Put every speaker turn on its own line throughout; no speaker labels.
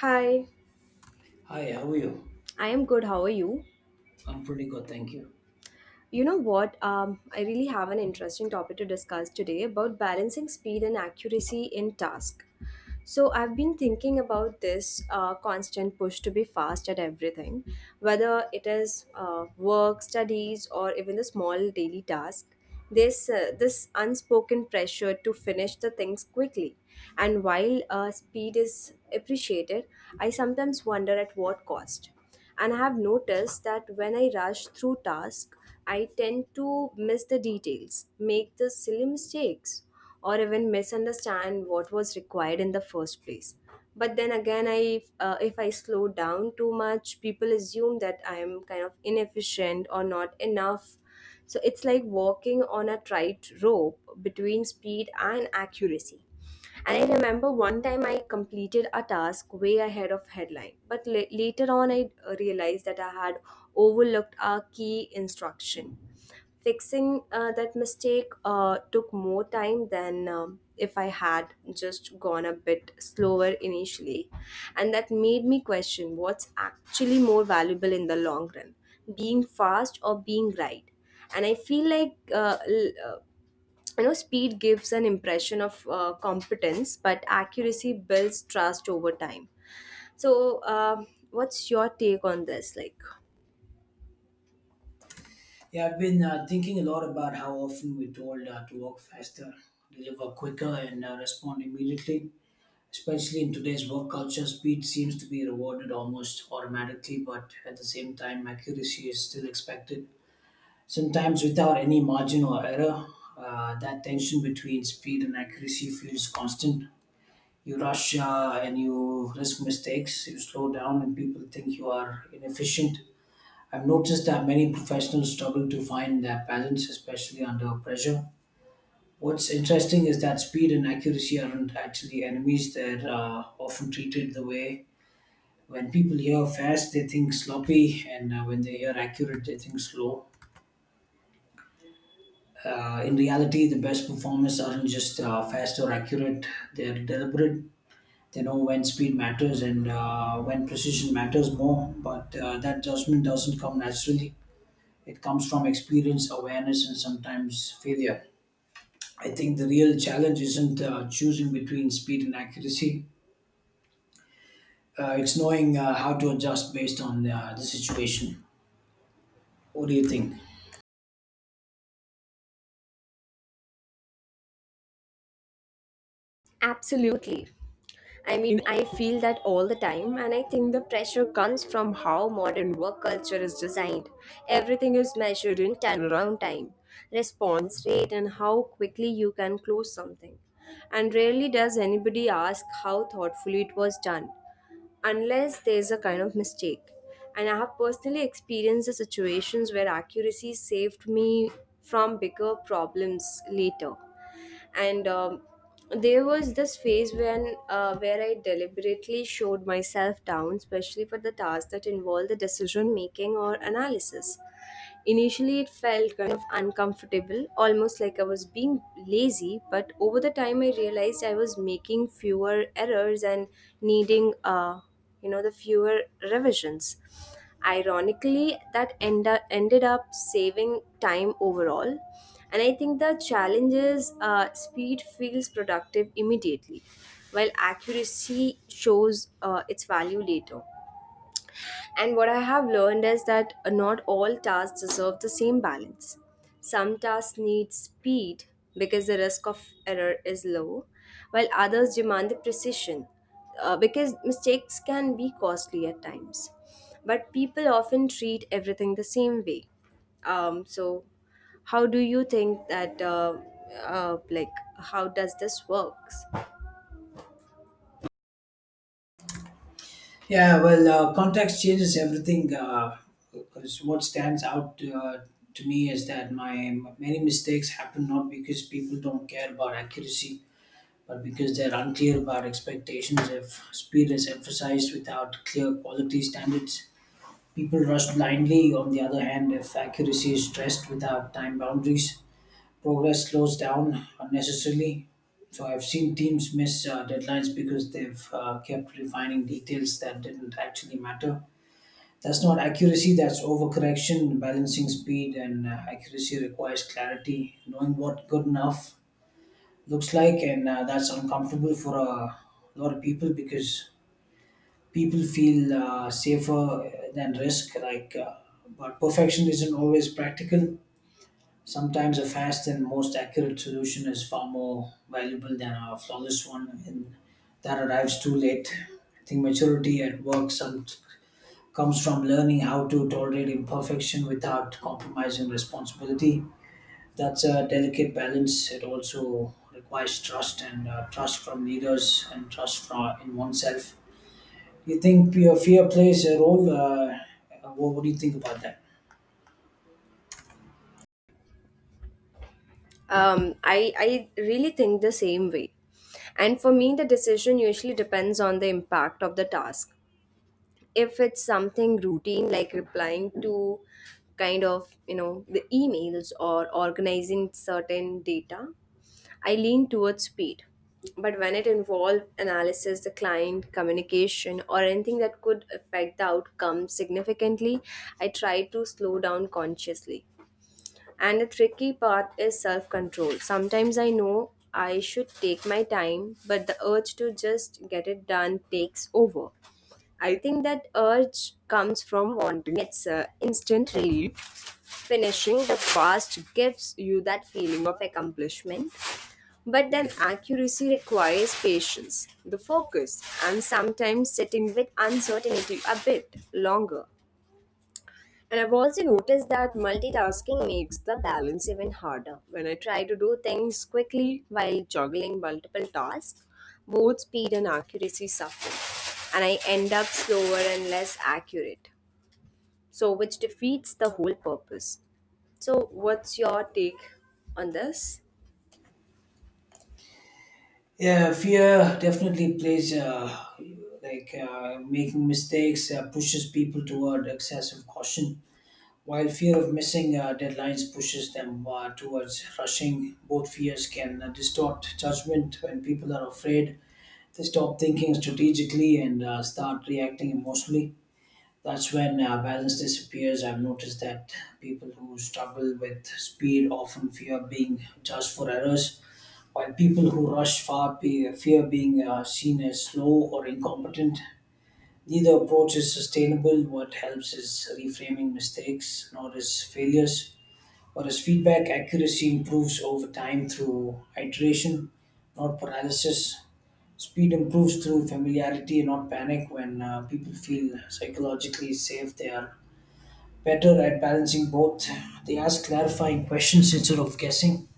Hi,
Hi, how are you?
I am good. How are you?
I'm pretty good, thank you.
You know what? I really have an interesting topic to discuss today about balancing speed and accuracy in task. So I've been thinking about this constant push to be fast at everything, whether it is work, studies, or even the small daily task. This unspoken pressure to finish the things quickly, and while speed is appreciated, I sometimes wonder at what cost. And I have noticed that when I rush through tasks, I tend to miss the details, make the silly mistakes, or even misunderstand what was required in the first place. But then again, I if I slow down too much, people assume that I am kind of inefficient or not enough. So it's like walking on a tight rope between speed and accuracy, and I remember one time I completed a task way ahead of headline, but later on I realized that I had overlooked a key instruction. Fixing that mistake took more time than if I had just gone a bit slower initially. And that made me question what's actually more valuable in the long run, being fast or being right. And I feel like speed gives an impression of competence, but accuracy builds trust over time, so what's your take on this, like.
Yeah, I've been thinking a lot about how often we're told to work faster, deliver quicker, and respond immediately. Especially in today's work culture, speed seems to be rewarded almost automatically, but at the same time, accuracy is still expected, sometimes without any margin or error. That tension between speed and accuracy feels constant. You rush and you risk mistakes, you slow down, and people think you are inefficient. I've noticed that many professionals struggle to find that balance, especially under pressure. What's interesting is that speed and accuracy aren't actually enemies, they're often treated the way. When people hear fast, they think sloppy, and when they hear accurate, they think slow. In reality, the best performers aren't just fast or accurate, they're deliberate. They know when speed matters and when precision matters more, but that judgment doesn't come naturally. It comes from experience, awareness, and sometimes failure. I think the real challenge isn't choosing between speed and accuracy. It's knowing how to adjust based on the situation. What do you think?
Absolutely. I mean, I feel that all the time, and I think the pressure comes from how modern work culture is designed. Everything is measured in turnaround time, response rate, and how quickly you can close something. And rarely does anybody ask how thoughtfully it was done, unless there's a kind of mistake. And I have personally experienced the situations where accuracy saved me from bigger problems later. And there was this phase when where I deliberately showed myself down, especially for the tasks that involve the decision making or analysis. Initially, it felt kind of uncomfortable, almost like I was being lazy, but over the time, I realized I was making fewer errors and needing the fewer revisions. Ironically, that ended up saving time overall. And I think the challenge is, speed feels productive immediately, while accuracy shows its value later. And what I have learned is that not all tasks deserve the same balance. Some tasks need speed because the risk of error is low, while others demand the precision because mistakes can be costly at times. But people often treat everything the same way. So, how do you think that, uh, like, how does this works?
Yeah, well, context changes everything. 'Cause what stands out uh, to me is that my many mistakes happen not because people don't care about accuracy, but because they're unclear about expectations. If speed is emphasized without clear quality standards, people rush blindly. On the other hand, if accuracy is stressed without time boundaries, progress slows down unnecessarily. So I've seen teams miss deadlines because they've kept refining details that didn't actually matter. That's not accuracy, that's overcorrection. Balancing speed and accuracy requires clarity, knowing what good enough looks like, and that's uncomfortable for a lot of people, because people feel safer than risk like but perfection isn't always practical. Sometimes a fast and most accurate solution is far more valuable than a flawless one and that arrives too late. I think maturity at work comes from learning how to tolerate imperfection without compromising responsibility. That's a delicate balance. It also requires trust, and trust from leaders and trust from in oneself. You think fear plays a role? What do you think about that?
I really think the same way. And for me, the decision usually depends on the impact of the task. If it's something routine, like replying to the emails or organizing certain data, I lean towards speed. But when it involves analysis, the client, communication, or anything that could affect the outcome significantly, I try to slow down consciously. And the tricky part is self control. Sometimes I know I should take my time, but the urge to just get it done takes over. I think that urge comes from wanting its instant relief. Finishing the fast gives you that feeling of accomplishment, but then accuracy requires patience, the focus, and sometimes sitting with uncertainty a bit longer. And I've also noticed that multitasking makes the balance even harder. When I try to do things quickly while juggling multiple tasks, both speed and accuracy suffer, and I end up slower and less accurate, so which defeats the whole purpose. So, what's your take on this?
Yeah, fear definitely plays like making mistakes pushes people toward excessive caution, while fear of missing deadlines pushes them towards rushing. Both fears can distort judgment when people are afraid. They stop thinking strategically and start reacting emotionally. That's when balance disappears. I've noticed that people who struggle with speed often fear being judged for errors, while people who rush fear being seen as slow or incompetent. Neither approach is sustainable. What helps is reframing mistakes, not as failures, but as feedback. Accuracy improves over time through iteration, not paralysis. Speed improves through familiarity, not panic. When people feel psychologically safe, they are better at balancing both. They ask clarifying questions instead of guessing.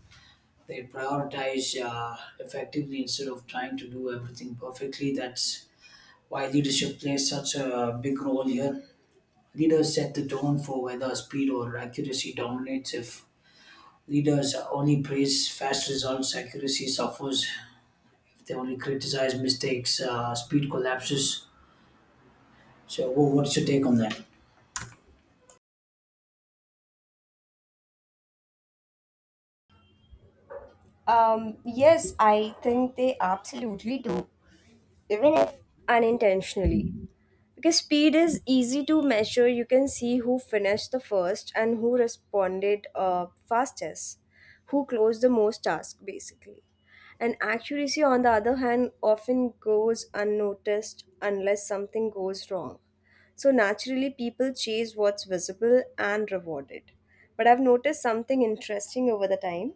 They prioritize effectively instead of trying to do everything perfectly. That's why leadership plays such a big role here. Leaders set the tone for whether speed or accuracy dominates. If leaders only praise fast results, accuracy suffers. If they only criticize mistakes, speed collapses. So, what's your take on that?
Yes, I think they absolutely do, even if unintentionally. Because speed is easy to measure, you can see who finished the first and who responded fastest, who closed the most task basically. And accuracy, on the other hand, often goes unnoticed unless something goes wrong. So naturally, people chase what's visible and rewarded. But I've noticed something interesting over the time.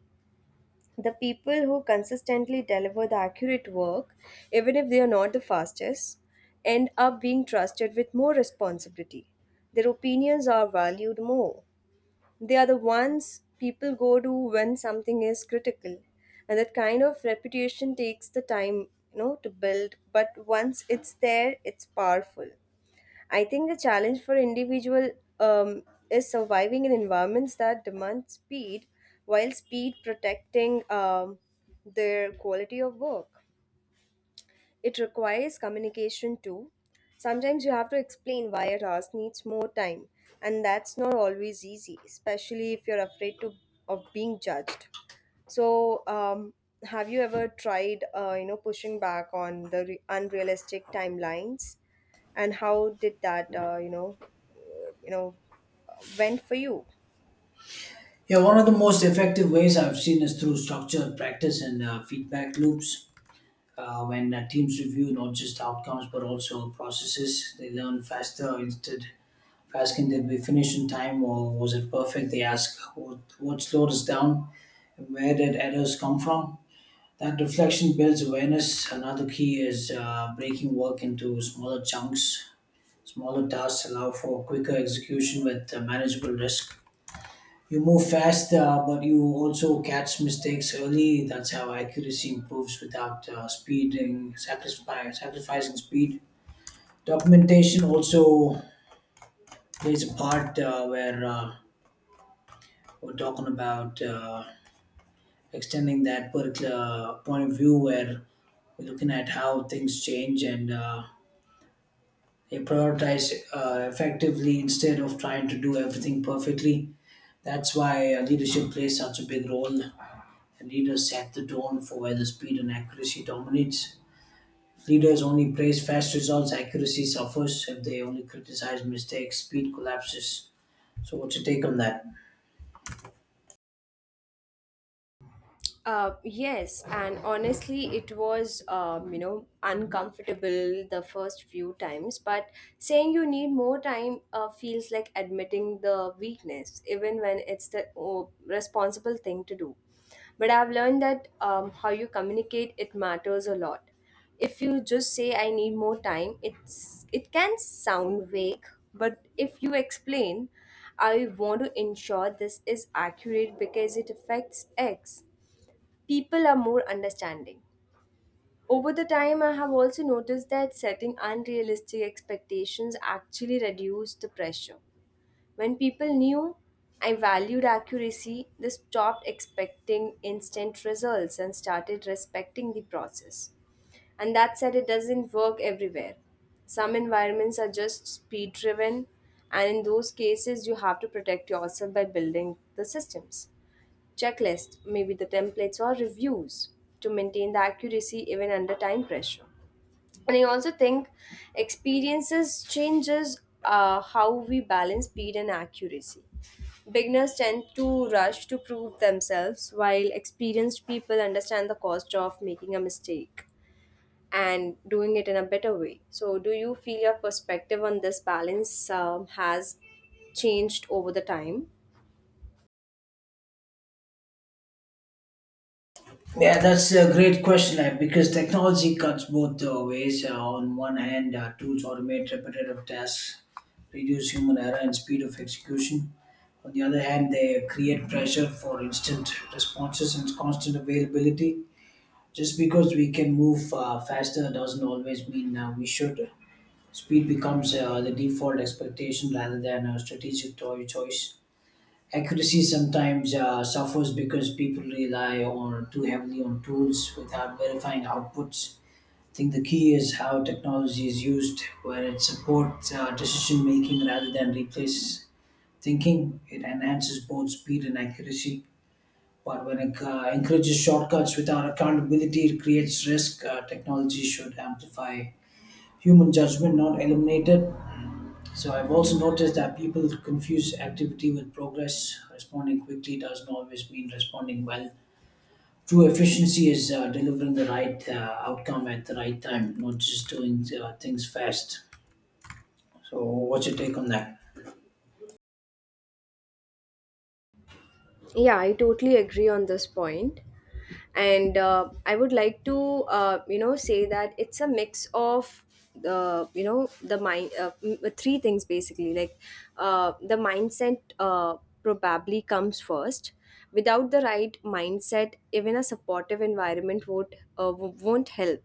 The people who consistently deliver the accurate work, even if they are not the fastest, end up being trusted with more responsibility. Their opinions are valued more. They are the ones people go to when something is critical. And that kind of reputation takes the time, to build, but once it's there, it's powerful. I think the challenge for individual um, is surviving in environments that demand speed, while speed protecting their quality of work. It requires communication too. Sometimes you have to explain why a task needs more time, and that's not always easy, especially if you're afraid to of being judged. So, have you ever tried, pushing back on the unrealistic timelines, and how did that you know went for you?
Yeah, one of the most effective ways I've seen is through structured practice and feedback loops. When teams review not just outcomes but also processes, they learn faster. Instead of asking, did we finish in time or was it perfect, they ask, what slowed us down? Where did errors come from? That reflection builds awareness. Another key is breaking work into smaller chunks. Smaller tasks allow for quicker execution with manageable risk. You move fast, but you also catch mistakes early. That's how accuracy improves without sacrificing speed. Documentation also plays a part where we're talking about extending that particular point of view where we're looking at how things change, and they prioritize effectively instead of trying to do everything perfectly. That's why leadership plays such a big role. Leaders set the tone for where the speed and accuracy dominates. If leaders only praise fast results, accuracy suffers. If they only criticize mistakes, speed collapses. So, what's your take on that?
Yes, and honestly, it was uncomfortable the first few times. But saying you need more time feels like admitting the weakness, even when it's the oh, responsible thing to do. But I've learned that how you communicate it matters a lot. If you just say I need more time, it can sound vague, but if you explain, I want to ensure this is accurate because it affects X, people are more understanding. Over the time, I have also noticed that setting unrealistic expectations actually reduced the pressure. When people knew I valued accuracy, they stopped expecting instant results and started respecting the process. And that said, it doesn't work everywhere. Some environments are just speed driven, and in those cases, you have to protect yourself by building the systems, checklist, maybe the templates or reviews to maintain the accuracy even under time pressure. And I also think experiences changes how we balance speed and accuracy. Beginners tend to rush to prove themselves while experienced people understand the cost of making a mistake and doing it in a better way. So, do you feel your perspective on this balance has changed over the time?
Yeah, that's a great question, because technology cuts both ways. On one hand, tools automate repetitive tasks, reduce human error and speed of execution. On the other hand, they create pressure for instant responses and constant availability. Just because we can move faster doesn't always mean we should. Speed becomes the default expectation rather than a choice. Accuracy sometimes suffers because people rely on too heavily on tools without verifying outputs. I think the key is how technology is used, where it supports decision making rather than replaces thinking. It enhances both speed and accuracy. But when it encourages shortcuts without accountability, it creates risk. Technology should amplify human judgment, not eliminate it. So I've also noticed that people confuse activity with progress. Responding quickly doesn't always mean responding well. True efficiency is delivering the right outcome at the right time, not just doing things fast. So, what's your take on that?
Yeah, I totally agree on this point. And I would like to, say that it's a mix of the, you know, the mind, m- three things basically. Like the mindset probably comes first. Without the right mindset, even a supportive environment won't help.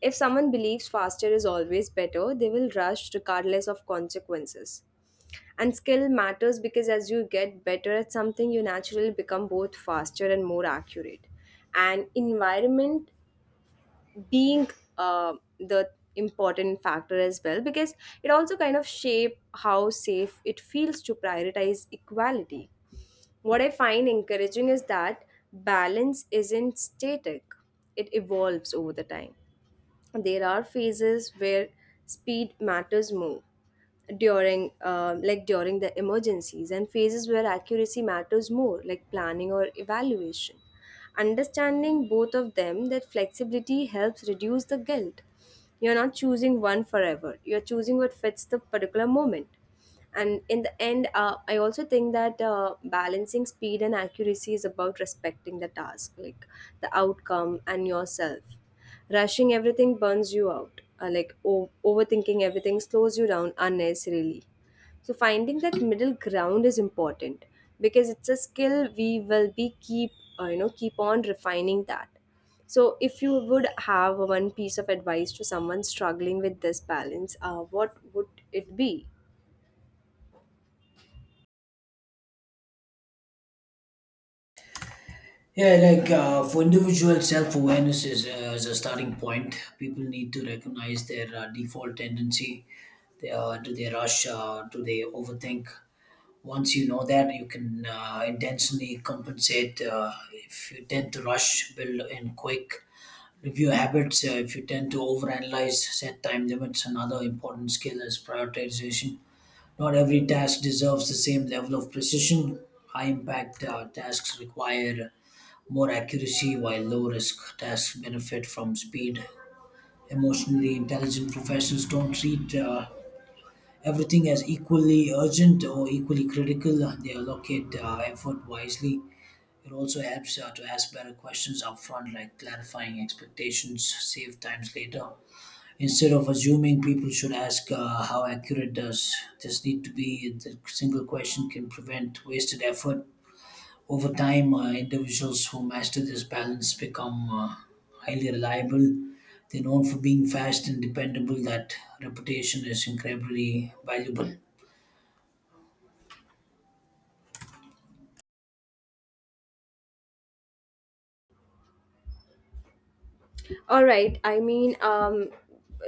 If someone believes faster is always better, they will rush regardless of consequences. And skill matters because as you get better at something, you naturally become both faster and more accurate. And environment being the important factor as well, because it also kind of shape how safe it feels to prioritize equality. What I find encouraging is that balance isn't static; it evolves over the time. There are phases where speed matters more during during the emergencies, and phases where accuracy matters more, like planning or evaluation. Understanding both of them, that flexibility helps reduce the guilt. You're not choosing one forever, you're choosing what fits the particular moment. And in the end, I also think that balancing speed and accuracy is about respecting the task, like the outcome and yourself. Rushing everything burns you out. Overthinking everything slows you down unnecessarily. So finding that middle ground is important, because it's a skill we will be keep keep on refining that. So if you would have one piece of advice to someone struggling with this balance, what would it be?
Yeah, like for individual self awareness is a starting point. People need to recognize their default tendency. Do they rush? Do they overthink? Once you know that, you can intentionally compensate. If you tend to rush, build in quick. Review habits. If you tend to overanalyze, set time limits. Another important skill is prioritization. Not every task deserves the same level of precision. High impact tasks require more accuracy while low risk tasks benefit from speed. Emotionally intelligent professionals don't treat everything as equally urgent or equally critical. They allocate effort wisely. It also helps to ask better questions upfront, like clarifying expectations, save times later. Instead of assuming, people should ask how accurate does this need to be. The single question can prevent wasted effort. Over time, individuals who master this balance become highly reliable. They're known for being fast and dependable. That reputation is incredibly valuable.
All right. I mean, um,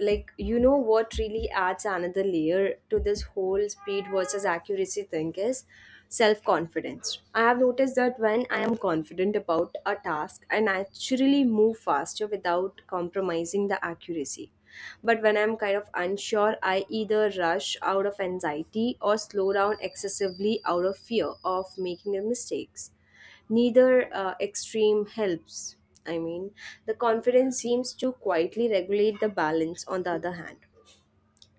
like you know what really adds another layer to this whole speed versus accuracy thing is self-confidence. I have noticed that when I am confident about a task, I naturally move faster without compromising the accuracy. But when I'm kind of unsure, I either rush out of anxiety or slow down excessively out of fear of making the mistakes. Neither extreme helps. I mean, the confidence seems to quietly regulate the balance, on the other hand.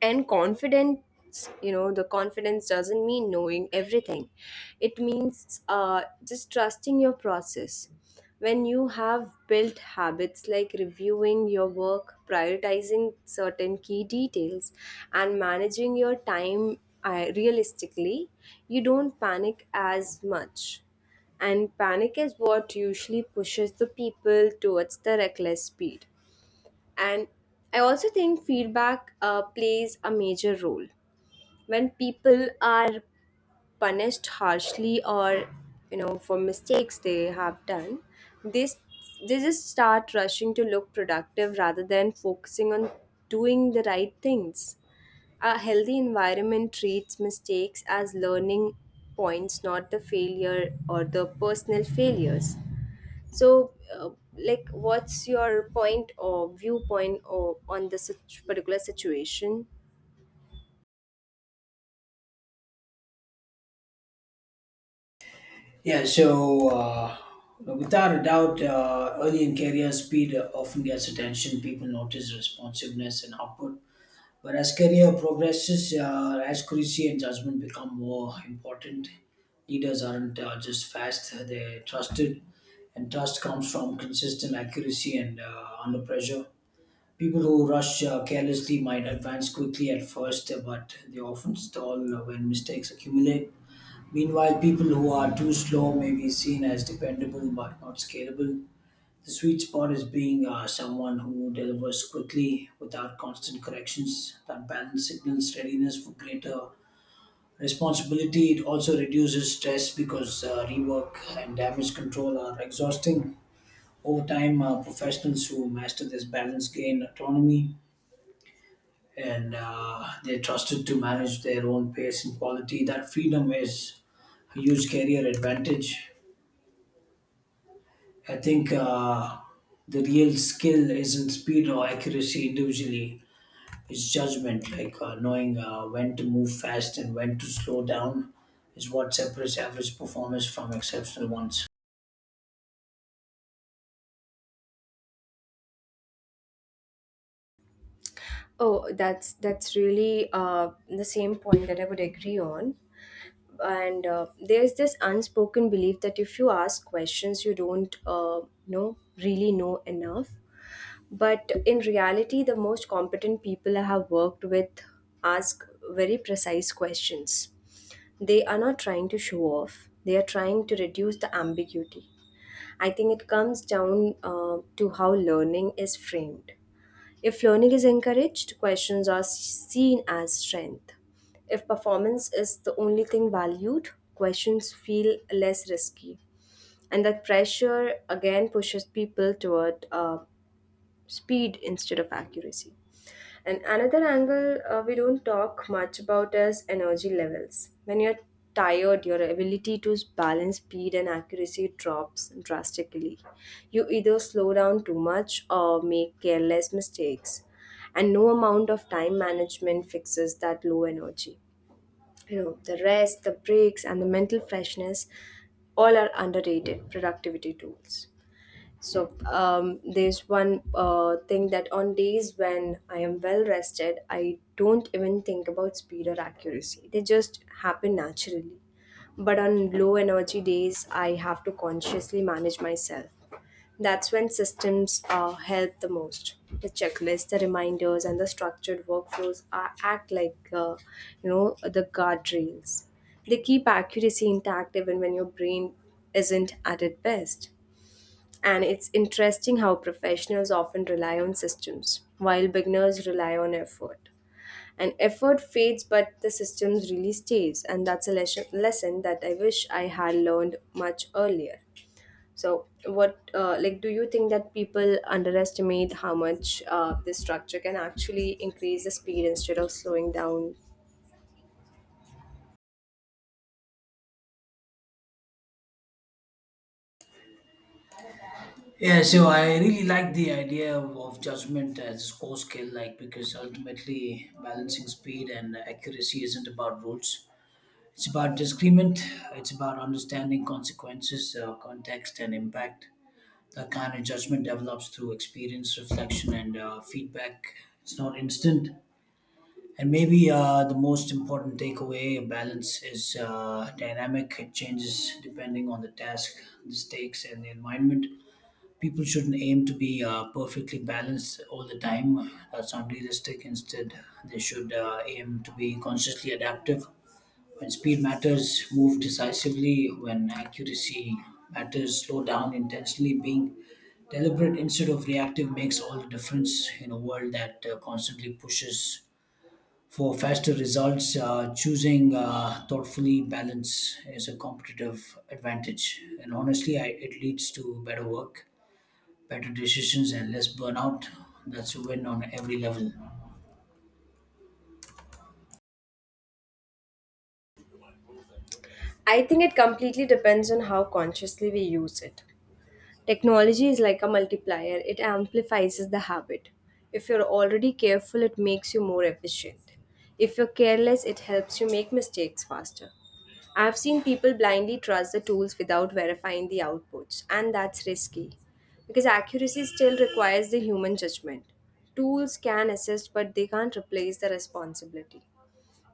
And confidence, you know the confidence doesn't mean knowing everything. It means just trusting your process. When you have built habits like reviewing your work, prioritizing certain key details, and managing your time realistically, you don't panic as much. And panic is what usually pushes the people towards the reckless speed. And I also think feedback plays a major role. When people are punished harshly, or for mistakes they have done, they s- they just start rushing to look productive rather than focusing on doing the right things. A healthy environment treats mistakes as learning points, not the failure or the personal failures. So, what's your point or viewpoint or on this particular situation?
Yeah, so without a doubt, early in career, speed often gets attention. People notice responsiveness and output. But as career progresses, accuracy and judgment become more important. Leaders aren't just fast, they're trusted, and trust comes from consistent accuracy and under pressure. People who rush carelessly might advance quickly at first, but they often stall when mistakes accumulate. Meanwhile, people who are too slow may be seen as dependable but not scalable. The sweet spot is being someone who delivers quickly without constant corrections. That balance signals readiness for greater responsibility. It also reduces stress because rework and damage control are exhausting. Over time, professionals who master this balance gain autonomy, and they're trusted to manage their own pace and quality. That freedom is a huge career advantage. I think the real skill isn't speed or accuracy individually, it's judgment, like knowing when to move fast and when to slow down is what separates average performers from exceptional ones.
Oh, that's really the same point that I would agree on. And there's this unspoken belief that if you ask questions, you don't know really know enough. But in reality, the most competent people I have worked with ask very precise questions. They are not trying to show off, they are trying to reduce the ambiguity. I think it comes down to how learning is framed. If learning is encouraged, questions are seen as strength. If performance is the only thing valued, questions feel less risky. And that pressure again pushes people toward speed instead of accuracy. And another angle we don't talk much about is energy levels. When you're tired, your ability to balance speed and accuracy drops drastically. You either slow down too much or make careless mistakes. And no amount of time management fixes that low energy. You know, the rest, the breaks, and the mental freshness all are underrated productivity tools. There's one thing that on days when I am well rested, I don't even think about speed or accuracy. They just happen naturally. But on low energy days, I have to consciously manage myself. That's when systems help the most. The checklists, the reminders, and the structured workflows are, act like the guardrails. They keep accuracy intact even when your brain isn't at its best. And it's interesting how professionals often rely on systems, while beginners rely on effort. And effort fades, but the systems really stays. And that's a lesson that I wish I had learned much earlier. So, do you think that people underestimate how much this structure can actually increase the speed instead of slowing down?
Yeah, so I really like the idea of judgment as a core skill, like because ultimately balancing speed and accuracy isn't about rules. It's about discernment. It's about understanding consequences, context, and impact. That kind of judgment develops through experience, reflection, and feedback. It's not instant. And maybe the most important takeaway: balance is dynamic. It changes depending on the task, the stakes, and the environment. People shouldn't aim to be perfectly balanced all the time. That's unrealistic. Instead, they should aim to be consciously adaptive. When speed matters, move decisively. When accuracy matters, slow down intentionally. Being deliberate instead of reactive makes all the difference in a world that constantly pushes for faster results. Choosing thoughtfully balance is a competitive advantage, and honestly, it leads to better work, better decisions and less burnout. That's a win on every level.
I think it completely depends on how consciously we use it. Technology is like a multiplier, it amplifies the habit. If you're already careful, it makes you more efficient. If you're careless, it helps you make mistakes faster. I've seen people blindly trust the tools without verifying the outputs, and that's risky because accuracy still requires the human judgment. Tools can assist, but they can't replace the responsibility.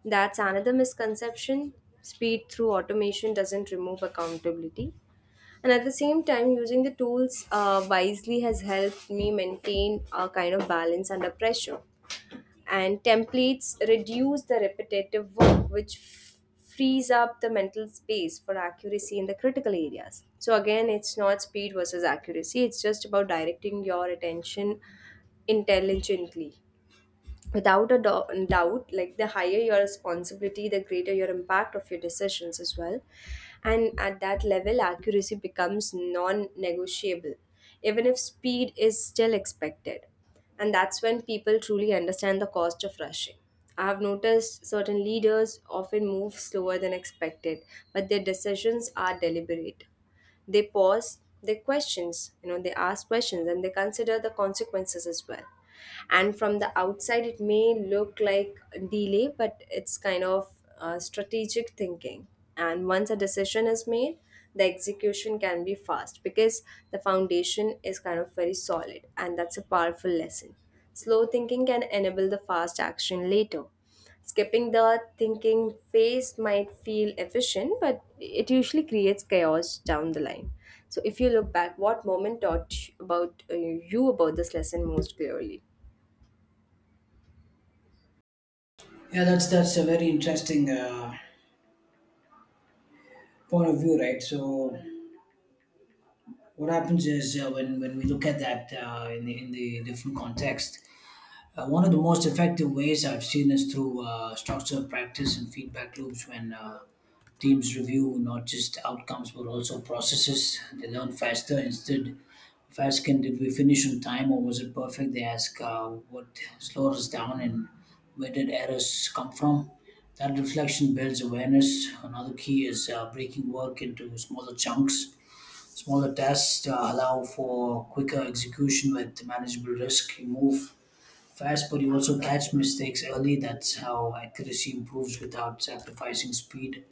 That's another misconception. Speed through automation doesn't remove accountability, and at the same time using the tools wisely has helped me maintain a kind of balance under pressure, and templates reduce the repetitive work, which frees up the mental space for accuracy in the critical areas. So again, it's not speed versus accuracy, it's just about directing your attention intelligently. Without a doubt, like the higher your responsibility, the greater your impact of your decisions as well, and at that level accuracy becomes non-negotiable even if speed is still expected, and that's when people truly understand the cost of rushing. I have noticed certain leaders often move slower than expected, but their decisions are deliberate. They pause, they questions, they ask questions, and they consider the consequences as well. And from the outside it may look like delay, but it's kind of strategic thinking. And once a decision is made, the execution can be fast because the foundation is kind of very solid, and that's a powerful lesson. Slow thinking can enable the fast action later. Skipping the thinking phase might feel efficient, but it usually creates chaos down the line. So, if you look back, what moment taught you about this lesson most clearly?
Yeah, that's a very interesting point of view, right? So what happens is when we look at that in the different context, one of the most effective ways I've seen is through structured practice and feedback loops. When teams review not just outcomes but also processes, they learn faster. Instead Faskin, did we finish on time or was it perfect? They ask what slowed us down and where did errors come from? That reflection builds awareness. Another key is breaking work into smaller chunks. Smaller tasks allow for quicker execution with manageable risk. You move fast, but you also catch mistakes early. That's how accuracy improves without sacrificing speed.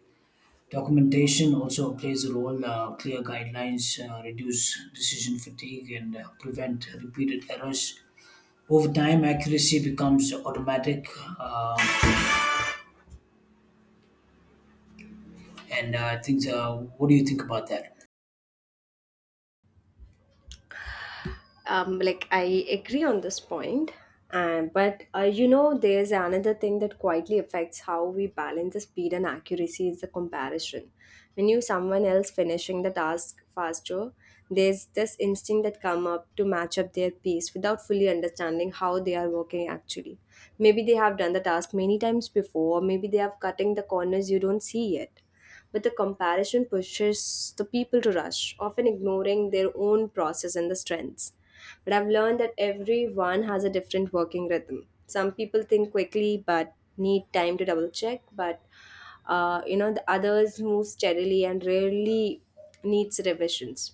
Documentation also plays a role. Clear guidelines reduce decision fatigue and prevent repeated errors. Over time, accuracy becomes automatic. Um, and things. What do you think about that?
Like I agree on this point, and but you know, there's another thing that quietly affects how we balance the speed and accuracy is the comparison. When you someone else finishing the task faster, there's this instinct that come up to match up their pace without fully understanding how they are working actually. Maybe they have done the task many times before, or maybe they have cutting the corners you don't see yet, but the comparison pushes the people to rush, often ignoring their own process and the strengths. But I've learned that everyone has a different working rhythm. Some people think quickly but need time to double check, but the others move steadily and rarely needs revisions.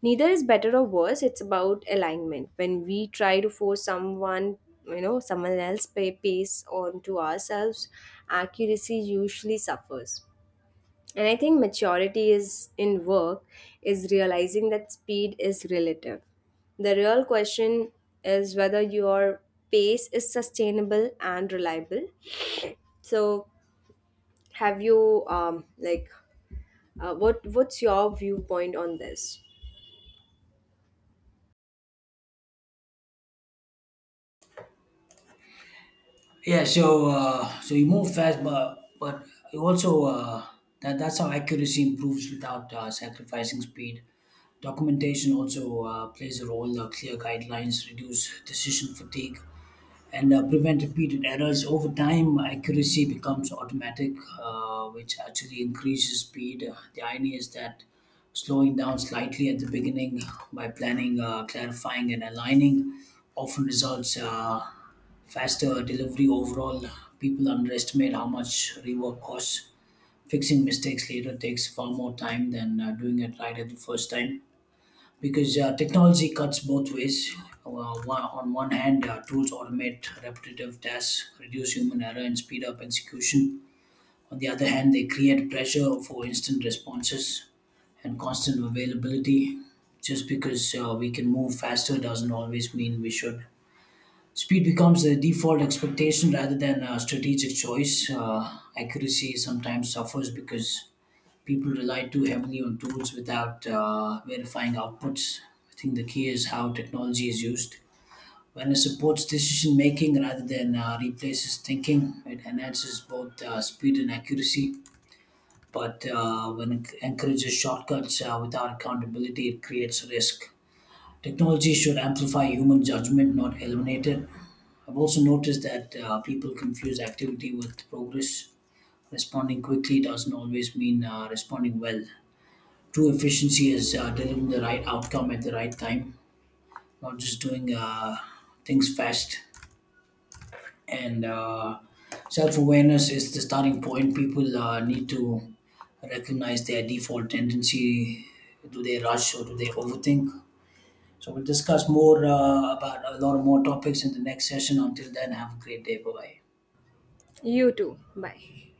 Neither is better or worse, it's about alignment. When we try to force someone, someone else pay pace onto ourselves, accuracy usually suffers. And I think maturity is in work is realizing that speed is relative. The real question is whether your pace is sustainable and reliable. So, have you what's your viewpoint on this?
Yeah. So so you move fast, but you also that's how accuracy improves without sacrificing speed. Documentation also plays a role. Clear guidelines reduce decision fatigue and prevent repeated errors. Over time, accuracy becomes automatic, which actually increases speed. The idea is that slowing down slightly at the beginning by planning, clarifying, and aligning often results faster delivery overall. People underestimate how much rework costs. Fixing mistakes later takes far more time than doing it right at the first time, because technology cuts both ways. Uh, on one hand, tools automate repetitive tasks, reduce human error, and speed up execution. On the other hand, they create pressure for instant responses and constant availability. Just because we can move faster doesn't always mean we should. Speed becomes the default expectation rather than a strategic choice. Accuracy sometimes suffers because people rely too heavily on tools without verifying outputs. I think the key is how technology is used. When it supports decision making rather than replaces thinking, it enhances both speed and accuracy. But when it encourages shortcuts without accountability, it creates risk. Technology should amplify human judgment, not eliminate it. I've also noticed that people confuse activity with progress. Responding quickly doesn't always mean responding well. True efficiency is delivering the right outcome at the right time, not just doing things fast. And self awareness is the starting point. People need to recognize their default tendency. Do they rush or do they overthink? So we'll discuss more about a lot of more topics in the next session. Until then, have a great day. Bye bye.
You too. Bye.